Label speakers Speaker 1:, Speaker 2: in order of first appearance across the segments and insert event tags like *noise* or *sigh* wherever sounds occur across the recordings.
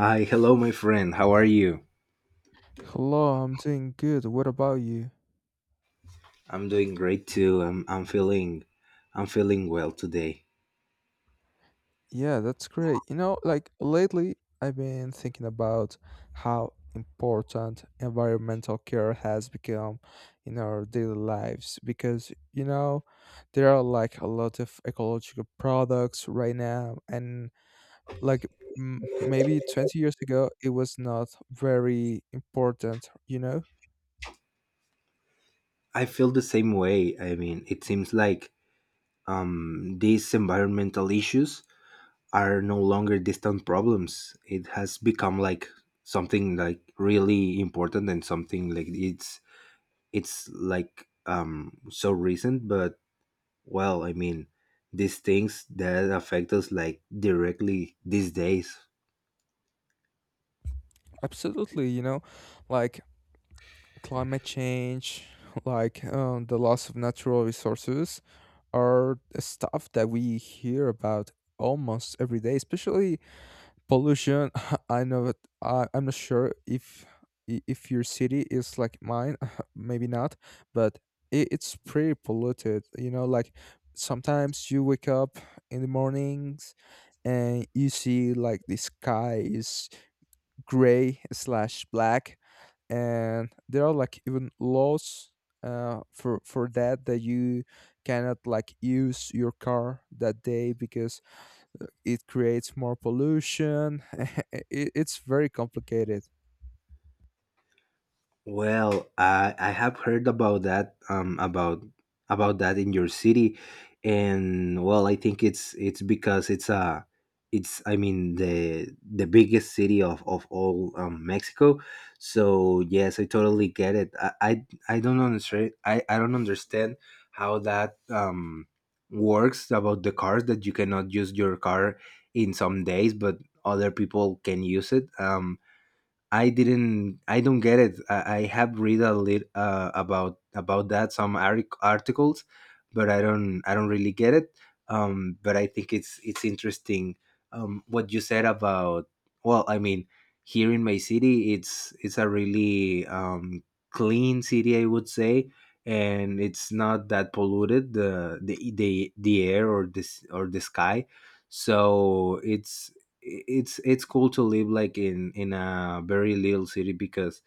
Speaker 1: Hi, hello, my friend. How are you?
Speaker 2: Hello, I'm doing good. What about you?
Speaker 1: I'm doing great too. I'm feeling I'm feeling well today.
Speaker 2: Yeah, that's great. You know, like lately, I've been thinking about how important environmental care has become in our daily lives because, there are like a lot of ecological products right now, and like maybe 20 years ago, it was not very important, you know?
Speaker 1: I feel the same way. I mean, it seems like these environmental issues are no longer distant problems. It has become like something like really important and something like it's like so recent, but well, I mean, these things that affect us like directly these days.
Speaker 2: Absolutely, like climate change, like the loss of natural resources, are stuff that we hear about almost every day. Especially pollution. *laughs* I know that I'm not sure if if your city is like mine, *laughs* maybe not, but it's pretty polluted. You know, like sometimes you wake up in the mornings and you see like the skies gray slash black, and there are like even laws for that that you cannot like use your car that day because it creates more pollution. *laughs* It's very complicated.
Speaker 1: Well, I have heard about that in your city, and well, I think it's because it's a it's I mean the biggest city of of all Mexico. So yes, I totally get it. I don't understand. I don't understand how that works about the cars that you cannot use your car in some days, but other people can use it. I didn't. I don't get it. I have read a lit about that some articles, but I don't really get it. But I think it's interesting. What you said about well, I mean, here in my city, it's a really clean city, I would say, and it's not that polluted the air or this or the sky. So it's it's cool to live like in a very little city because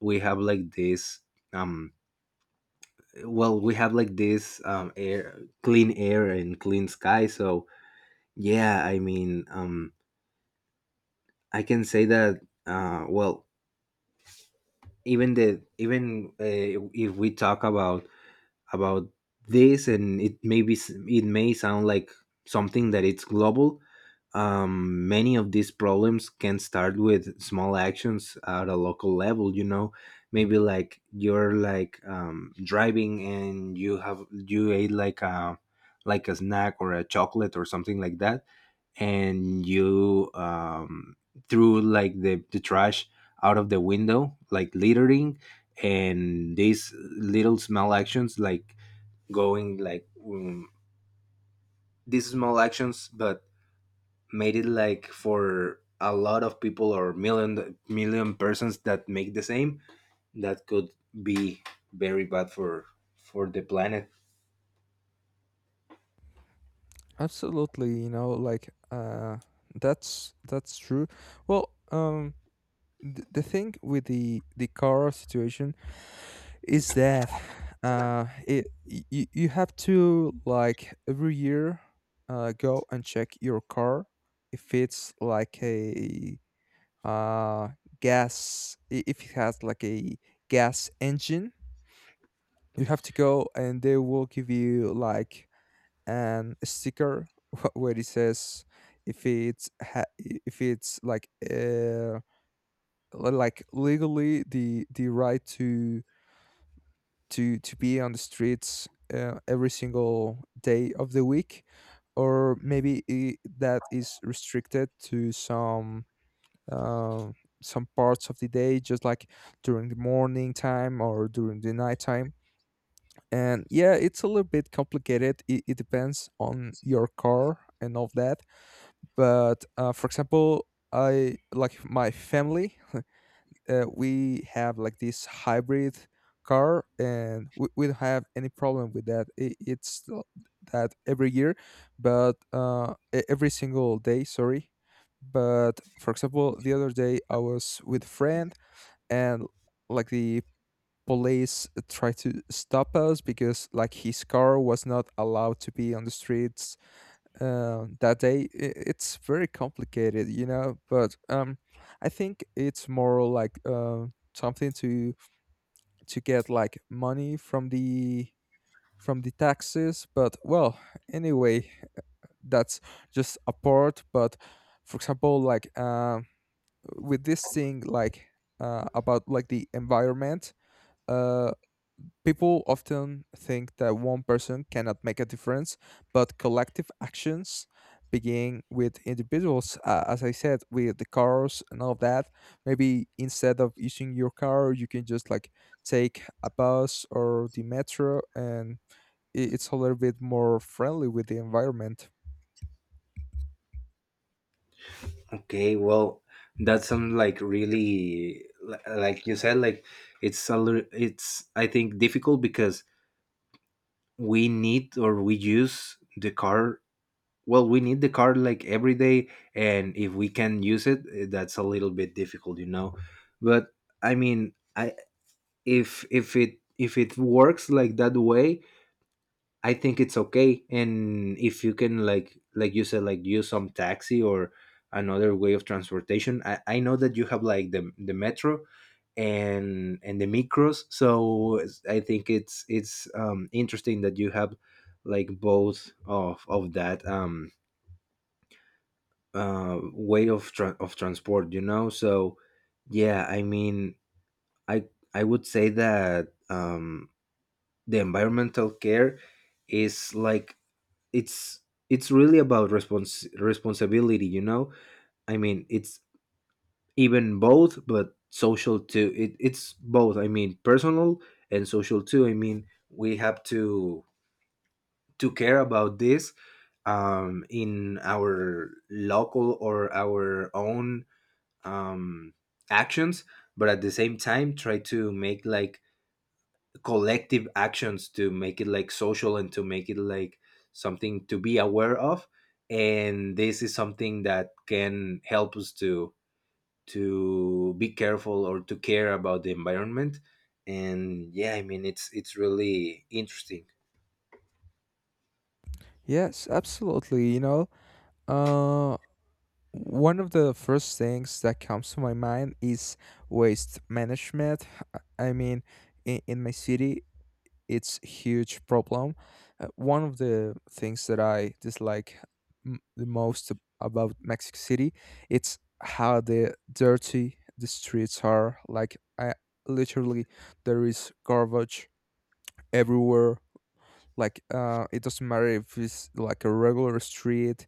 Speaker 1: we have like this um well we have like this air clean air and clean sky. So yeah, I mean, I can say that well even if we talk about this. And it may be, it may sound like something that it's global. Many of these problems can start with small actions at a local level, you know. Maybe like you're like driving and you have you ate like a snack or a chocolate or something like that, and you threw like the trash out of the window like littering. And these little small actions like going like these small actions but made it like for a lot of people or million persons that make the same, that could be very bad for the planet.
Speaker 2: Absolutely, like that's true. Well, the thing with the car situation is that it you have to, like, every year go and check your car. If it's like a uh gas, if it has like a gas engine, you have to go and they will give you like an sticker *laughs* where it says if if it's like legally the right to be on the streets every single day of the week, or maybe I that is restricted to some um, parts of the day, just like during the morning time or during the night time. And yeah, it's a little bit complicated. It depends on your car and all that, but for example, I like my family, we have like this hybrid car, and we don't have any problem with that. That every year, but every single day, sorry. But for example, the other day I was with a friend, and like the police tried to stop us because like his car was not allowed to be on the streets that day. It's very complicated, but I think it's more like something to get like money from the taxes. But well, anyway, that's just a part. But for example, like with this thing, like about like the environment. uh People often think that one person cannot make a difference, but collective actions begin with individuals. As I said, with the cars and all that, maybe instead of using your car, you can just like take a bus or the metro, and it's a little bit more friendly with the environment.
Speaker 1: Okay, well, that's some like really like you said, like it's a it's, I think, difficult because we need or we use the car. Well, we need the car like every day, and if we can use it, that's a little bit difficult, you know. But I mean, I, if it works like that way, I think it's okay. And if you can like you said, like use some taxi or another way of transportation, I know that you have like the metro and the micros. So I think it's interesting that you have like both of that way of of transport, you know. So yeah, I mean, I I would say that the environmental care is like it's it's really about responsibility, you know. I mean, it's even both, but social too. It's both. I mean, personal and social too. I mean, we have to care about this in our local or our own um, actions, but at the same time try to make like collective actions to make it like social and to make it like something to be aware of. And this is something that can help us to be careful or to care about the environment. And yeah, I mean, it's really interesting.
Speaker 2: Yes, absolutely. You know, uh, one of the first things that comes to my mind is waste management. I mean, in my city, it's huge problem. One of the things that I dislike the most about Mexico City, it's how the dirty the streets are. Like, I literally, there is garbage everywhere. Like, it doesn't matter if it's like a regular street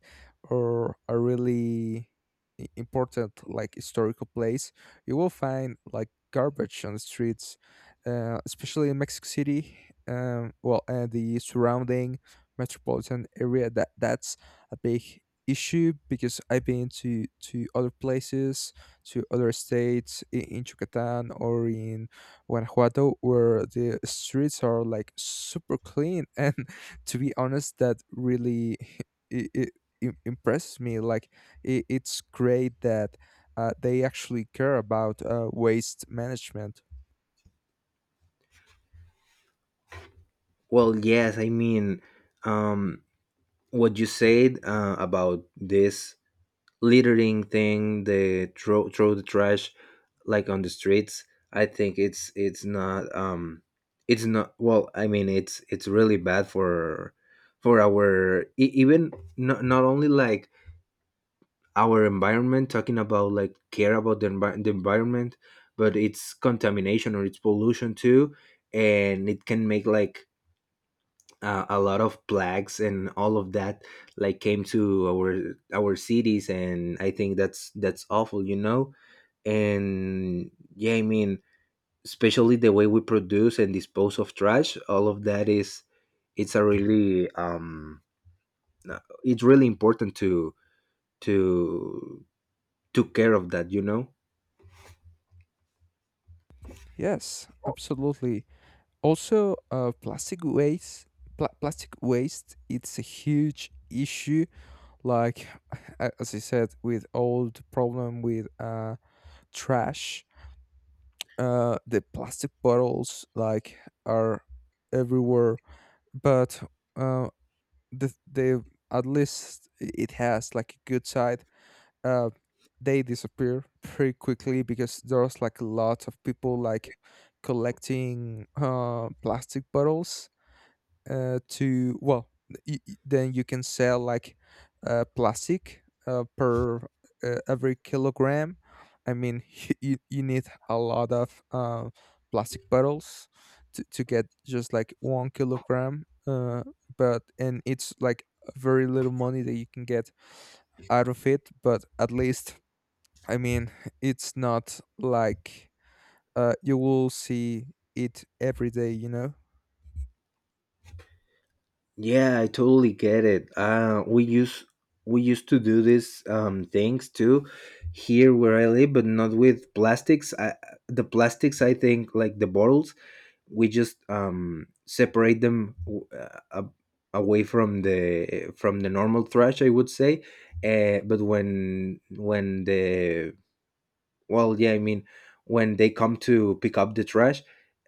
Speaker 2: or a really important, like, historical place. You will find like garbage on the streets, especially in Mexico City. Well, and the surrounding metropolitan area. That's a big issue because I've been to other places, to other states, in Yucatan or in Guanajuato, where the streets are like super clean. And *laughs* to be honest, that really *laughs* it, it, impresses me. Like it's great that they actually care about waste management.
Speaker 1: Well, yes, I mean, um what you said about this littering thing, the throw the trash like on the streets. I think it's not it's not, well, I mean, it's really bad for our even not only like our environment, talking about like care about the environment, but it's contamination or it's pollution too. And it can make like a lot of plagues and all of that like came to our cities. And I think that's awful, you know. And yeah, I mean, especially the way we produce and dispose of trash, all of that is it's a really uh, it's really important to took care of that, you know.
Speaker 2: Yes, absolutely. Also, plastic waste. Plastic waste. It's a huge issue. Like *laughs* as I said, with all the problem with trash, the plastic bottles like are everywhere. But uh, the at least it has like a good side. uh, they disappear pretty quickly because there's like lots of people like collecting plastic bottles to, well, then you can sell like plastic per every kilogram. I mean, *laughs* you need a lot of plastic bottles to get just like 1 kilogram. But and it's like very little money that you can get out of it. But at least, I mean, it's not like you will see it every day.
Speaker 1: Yeah, I totally get it. We use we used to do these things too here where I live, but not with plastics. The plastics, I think, like the bottles, we just separate them away from the normal thrash, I would say. But when the well, yeah, I mean, when they come to pick up the trash,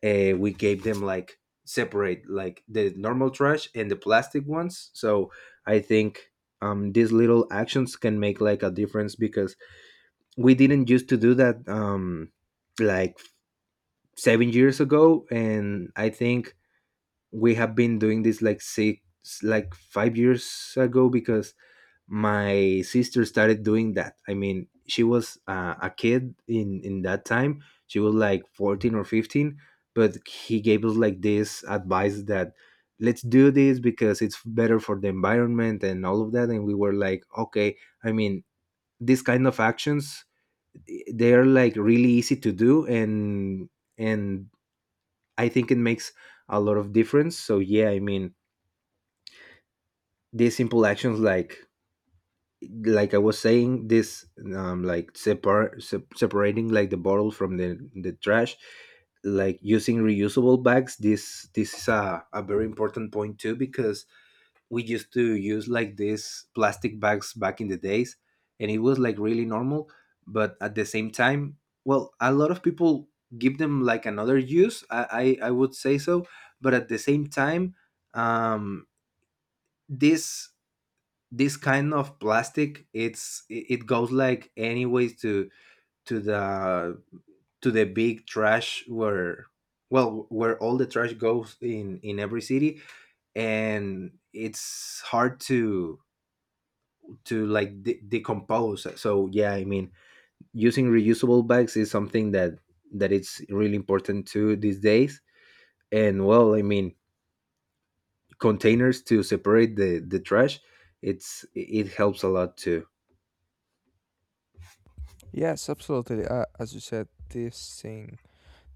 Speaker 1: we gave them like separate like the normal trash and the plastic ones. So I think these little actions can make like a difference because we didn't used to do that like 7 years ago, and I think we have been doing this like six like 5 years ago because my sister started doing that. I mean, she was a kid in that time. She was like 14 or 15, but he gave us like this advice that let's do this because it's better for the environment and all of that. And we were like, okay, I mean, these kind of actions, they are like really easy to do. And I think it makes a lot of difference. So yeah, I mean, these simple actions like I was saying, this like separating like the bottle from the trash, like using reusable bags. This is a very important point too, because we used to use like these plastic bags back in the days, and it was like really normal. But at the same time, well, a lot of people give them like another use, I would say. So but at the same time, um this this kind of plastic, it's it it goes like anyways to the to the big trash where well, where all the trash goes in every city. And it's hard to like decompose. So yeah, I mean, using reusable bags is something that that it's really important too these days. And well, I mean, containers to separate the trash, it's it helps a lot too.
Speaker 2: Yes, absolutely. As you said, this thing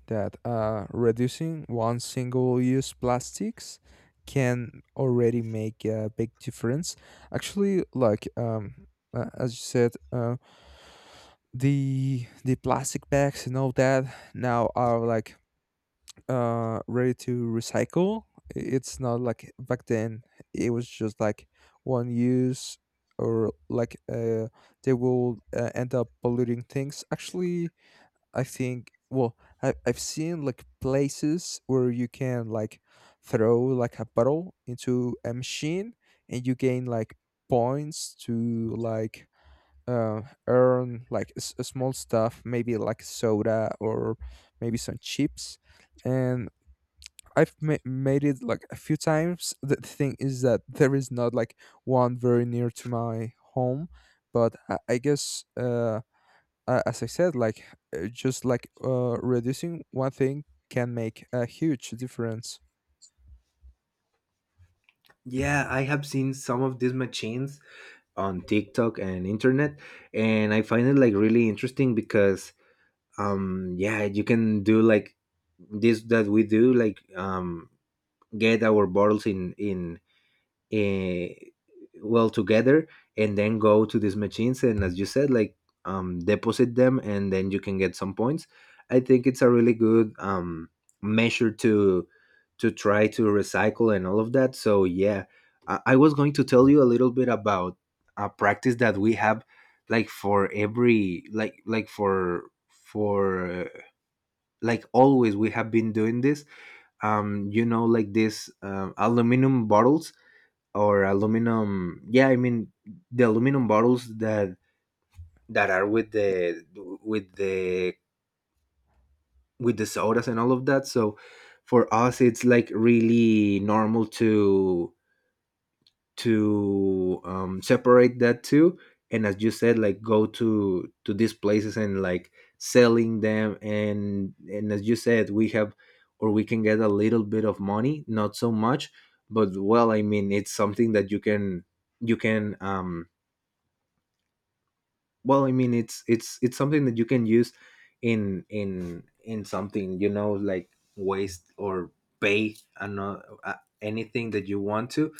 Speaker 2: that reducing one single use plastics can already make a big difference. Actually, like as you said, the plastic bags and all that now are like ready to recycle. It's not like back then. It was just like one use, or like they will end up polluting things. Actually, I think, well, I've seen like places where you can like throw like a bottle into a machine and you gain like points to like earn like a small stuff, maybe like soda or maybe some chips. And I've made it like a few times. The thing is that there is not like one very near to my home, but I guess. As I said, like just like reducing one thing can make a huge difference.
Speaker 1: Yeah, I have seen some of these machines on TikTok and internet, and I find it like really interesting because yeah, you can do like this that we do like get our bottles in uh, well, together, and then go to these machines and, as you said, like deposit them, and then you can get some points. I think it's a really good measure to try to recycle and all of that. So yeah, I was going to tell you a little bit about a practice that we have like for every like for for like always we have been doing this you know, like this aluminum bottles or aluminum. Yeah, I mean, the aluminum bottles that that are with the with the with the sodas and all of that. So for us it's like really normal to separate that too, and as you said, like go to these places and like selling them. And as you said, we have or we can get a little bit of money, not so much, but well, I mean, it's something that you can well, I mean, it's it's something that you can use in something, you know, like waste or pay and uh, anything that you want to.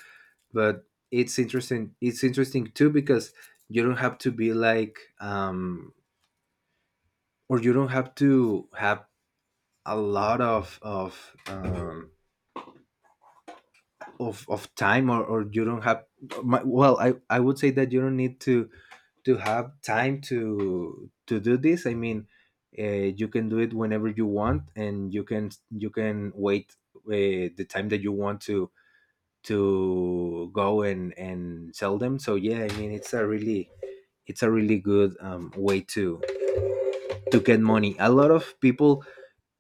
Speaker 1: But it's interesting, it's interesting too because you don't have to be like or you don't have to have a lot of of time or you don't have well I would say that you don't need to have time to do this. I mean, you can do it whenever you want, and you can wait the time that you want to go and sell them. So yeah, I mean, it's a really good way to get money. A lot of people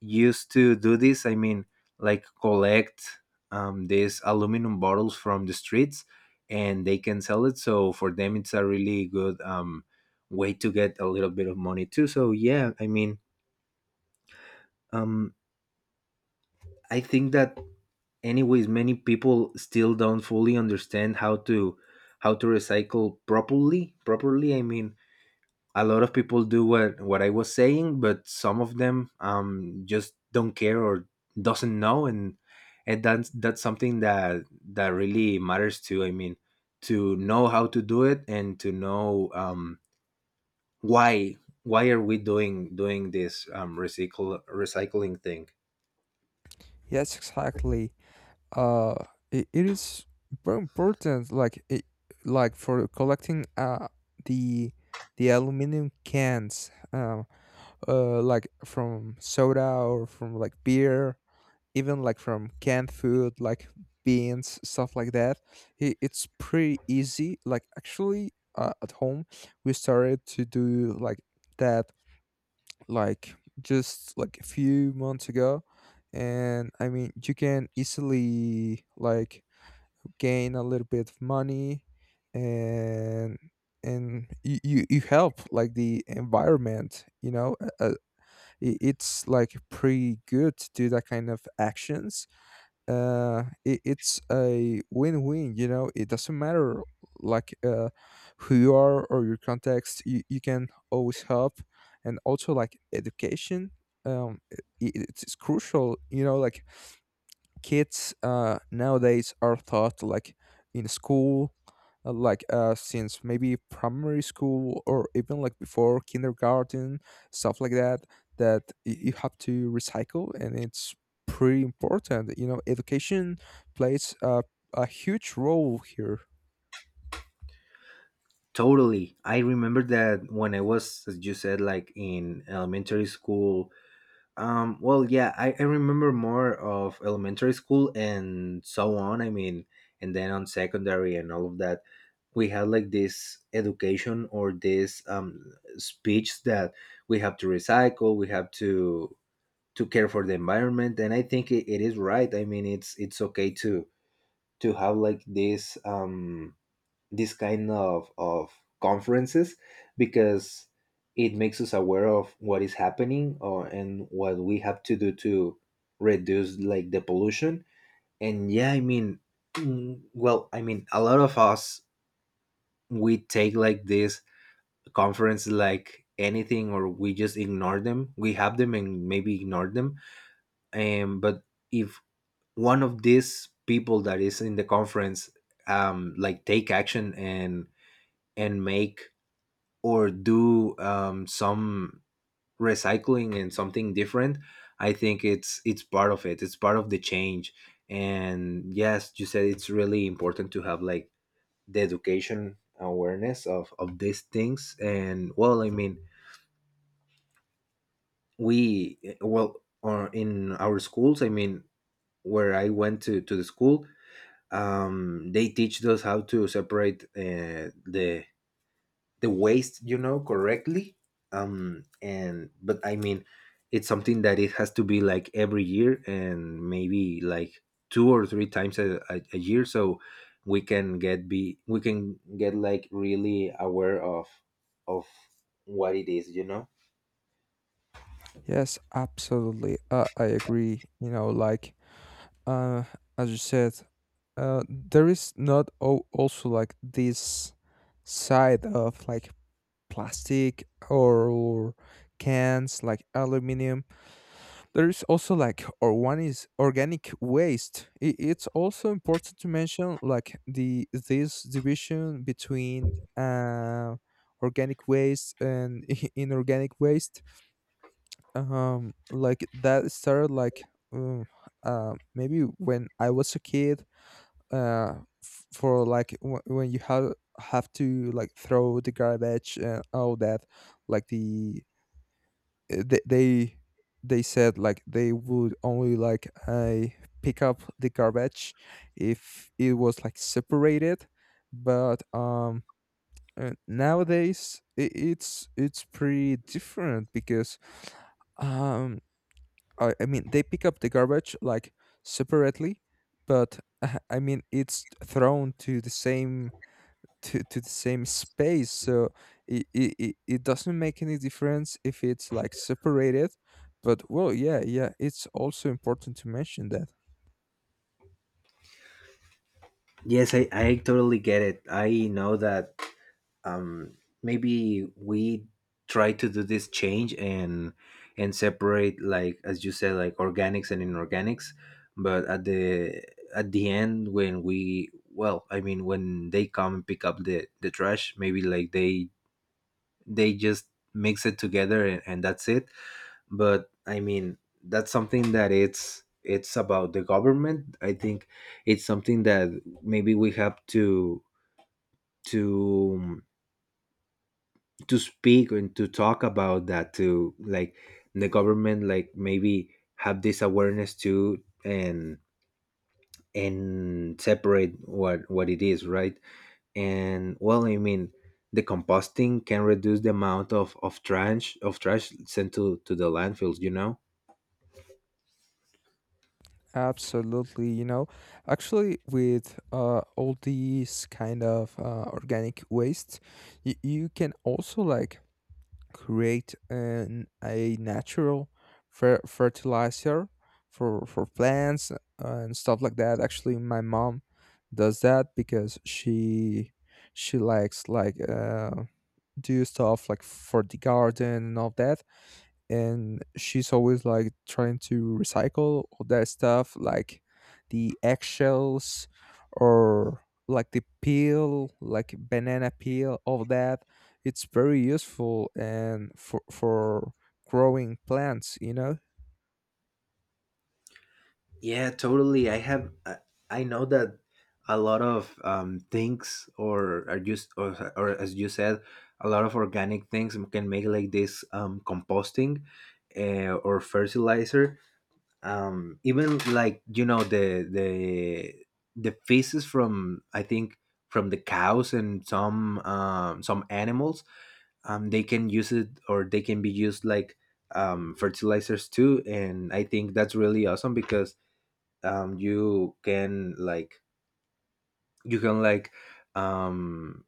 Speaker 1: used to do this. I mean, like collect these aluminum bottles from the streets, and they can sell it. So for them, it's a really good way to get a little bit of money too. So yeah, I mean, um, I think that anyways, many people still don't fully understand how to recycle properly. Properly, I mean, a lot of people do what I was saying, but some of them just don't care or doesn't know. And that's something that that really matters too. I mean, to know how to do it and to know why why are we doing this recycle recycling thing.
Speaker 2: Yes, exactly. Uh, it is very important. Like it, like for collecting the the aluminum cans, like from soda or from like beer, even like from canned food like beans, stuff like that. It's pretty easy. Like, actually, at home we started to do like that, like just like a few months ago, and I mean, you can easily like gain a little bit of money. And you help like the environment, it's like pretty good to do that kind of actions. It's a win-win, it doesn't matter like who you are or your context. You can always help. And also, like education, um it, it's crucial, like, kids nowadays are taught like in school, like, since maybe primary school or even like before kindergarten, stuff like that, that you have to recycle, and it's pretty important. Education plays a huge role here.
Speaker 1: Totally, I remember that when I was, as you said, like in elementary school. I remember more of elementary school and so on. I mean, and then on secondary and all of that, we had like this education or this speech that we have to recycle, we have to care for the environment, and I think it is right. I mean, it's okay to have like this this kind of conferences because it makes us aware of what is happening or, and what we have to do to reduce like the pollution. And yeah, I mean, well, I mean, a lot of us, we take like this conference like anything, or we just ignore them, we have them and maybe ignore them. But if one of these people that is in the conference like take action and make or do some recycling and something different, I think it's part of it, it's part of the change. And yes, you said it's really important to have like the education awareness of these things. And well, I mean, we, well, or in our schools, I mean, where I went to the school, they teach us how to separate the waste, you know, correctly. And but I mean, it's something that it has to be like every year and maybe like two or three times a year, so we can get be we can get like really aware of what it is, you know.
Speaker 2: Yes, absolutely. I agree. You know, like, uh, as you said, there is not also like this side of like plastic or cans like aluminum. There is also like, or one is organic waste. It's also important to mention like the this division between uh organic waste and *laughs* inorganic waste. Like that started like, maybe when I was a kid, uh for like, when you have to like throw the garbage and all that. Like uh, th- they they said like they would only, like, I pick up the garbage if it was like separated. But nowadays I it's pretty different because um I mean, they pick up the garbage like separately, but *laughs* I mean, it's thrown to the same, to the same space. So it doesn't make any difference if it's like separated, but well, yeah, yeah, it's also important to mention that.
Speaker 1: Yes, I totally get it. I know that, um, maybe we try to do this change and separate, like as you said, like organics and inorganics, but at the end when we, well, I mean, when they come and pick up the trash, maybe like they just mix it together, and that's it. But I mean, that's something that it's about the government, I think. It's something that maybe we have to um, to speak and to talk about that to like the government, like maybe have this awareness too, and separate what it is, right. And well, I mean, the composting can reduce the amount of trash sent to the landfills, you know.
Speaker 2: Absolutely, actually with all these kind of organic waste, you can also like create a natural fertilizer for plants, and stuff like that. Actually, my mom does that because she likes, like, do stuff like for the garden and all that, and she's always like trying to recycle all that stuff like the eggshells, or like the peel, like banana peel, all that. It's very useful and for growing plants.
Speaker 1: Yeah, totally. I have. I know that a lot of things, or are just, or as you said, a lot of organic things can make like this composting or fertilizer. Even like, you know, the feces from, I think, from the cows and some animals, they can use it or they can be used like fertilizers too. And I think that's really awesome because um you can like you can like um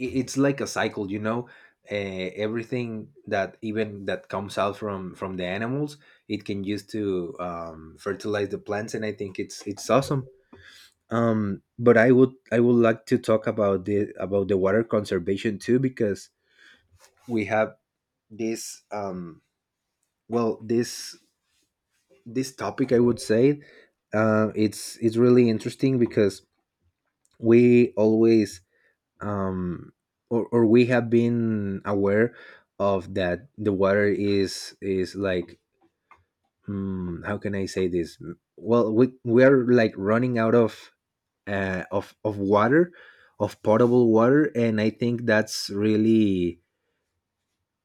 Speaker 1: it's like a cycle, you know. Everything that even that comes out from the animals, it can use to fertilize the plants, and I think it's awesome. But I would like to talk about the water conservation too, because we have this well this topic, I would say, it's really interesting because we always um, or we have been aware of that the water is like, how can I say this? Well, we are like running out of water, of potable water, and I think that's really,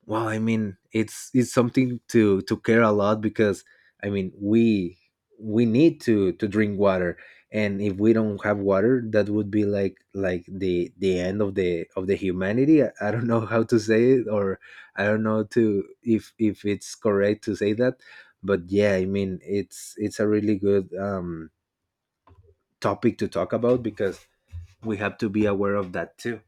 Speaker 1: well, I mean, it's something to care a lot, because I mean, we need to drink water, and if we don't have water, that would be like the end of the humanity. I don't know how to say it, or I don't know to if it's correct to say that, but yeah, I mean, it's a really good topic to talk about because we have to be aware of that too.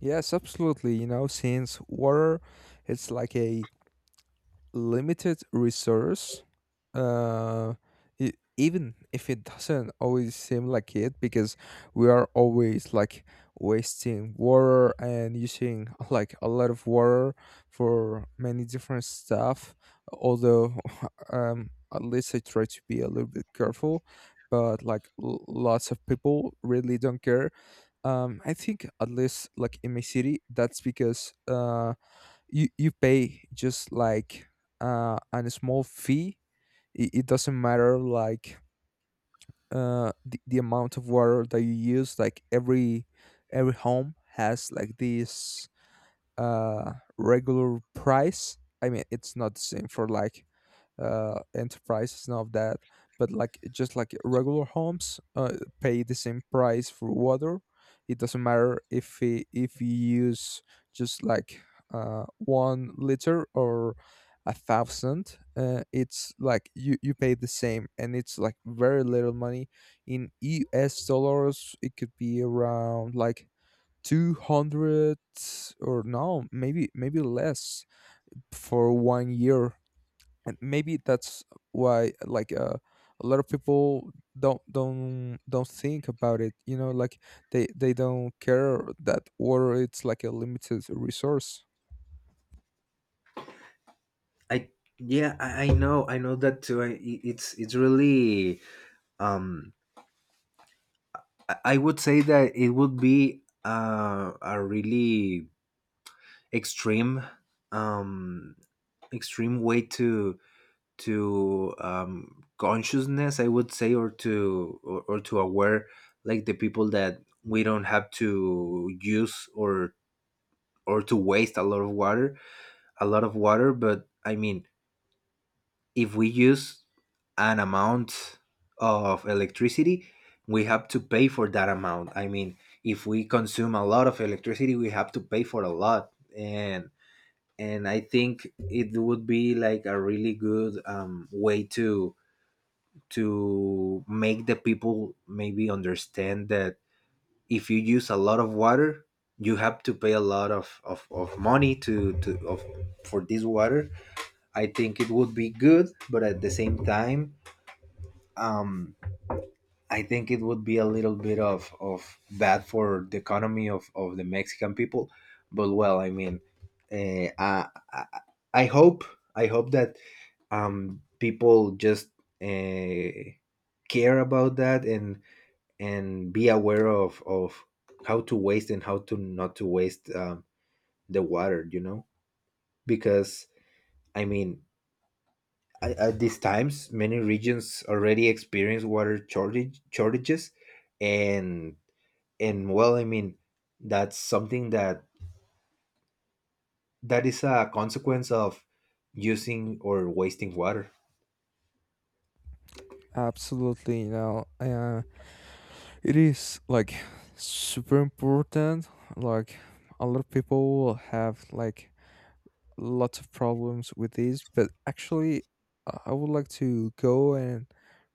Speaker 2: Yes, absolutely. Since water it's like a limited resource, uh, even if it doesn't always seem like it, because we are always like wasting water and using *laughs* like a lot of water for many different stuff. Although *laughs* at least I try to be a little bit careful, but like, lots of people really don't care. I think, at least like in my city, that's because you pay just like uh, a small fee. It doesn't matter, like the amount of water that you use. Like every home has like this uh regular price. I mean, it's not the same for like, enterprises and all of that, but, like, just like regular homes pay the same price for water. It doesn't matter, if if you use just like 1 liter or 1,000. It's like you, pay the same, and it's like very little money. In US dollars, it could be around like 200, or no, maybe less for one year. And maybe that's why, like, a lot of people don't think about it. Like they don't care that water it's like a limited resource.
Speaker 1: I yeah, I know, I know that too. I, it's really um I would say that it would be a really extreme um extreme way to consciousness, I would say, or to or to aware like the people that we don't have to use or to waste a lot of water, a lot of water. But I mean, if we use an amount of electricity, we have to pay for that amount. I mean, if we consume a lot of electricity, we have to pay for a lot. And and I think it would be like a really good way to make the people maybe understand that if you use a lot of water, you have to pay a lot of money to of for this water. I think it would be good, but at the same time, um, I think it would be a little bit of bad for the economy of the Mexican people. But well, I mean, uh, I, I I hope I hope that people just uh, care about that and be aware of how to waste and how to not to waste the water. You know, because I mean, at these times, many regions already experience water shortage, shortages, and and well, I mean, that's something that that is a consequence of using or wasting water.
Speaker 2: Absolutely, it is like super important. Like, a lot of people have like lots of problems with these, but actually, I would like to go and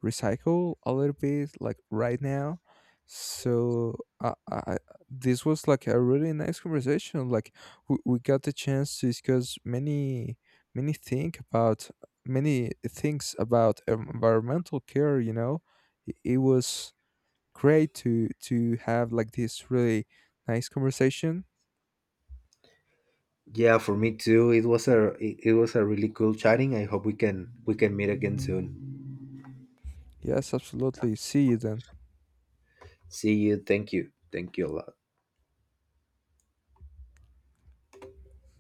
Speaker 2: recycle a little bit, like right now. So, I, I, this was like a really nice conversation. Like, we got the chance to discuss many think about many things about environmental care. You know, it was great to have like this really nice conversation.
Speaker 1: Yeah, for me too. It was a it was a really cool chatting. I hope we can meet again soon.
Speaker 2: Yes, absolutely. See you then.
Speaker 1: See you. Thank you. Thank you a lot.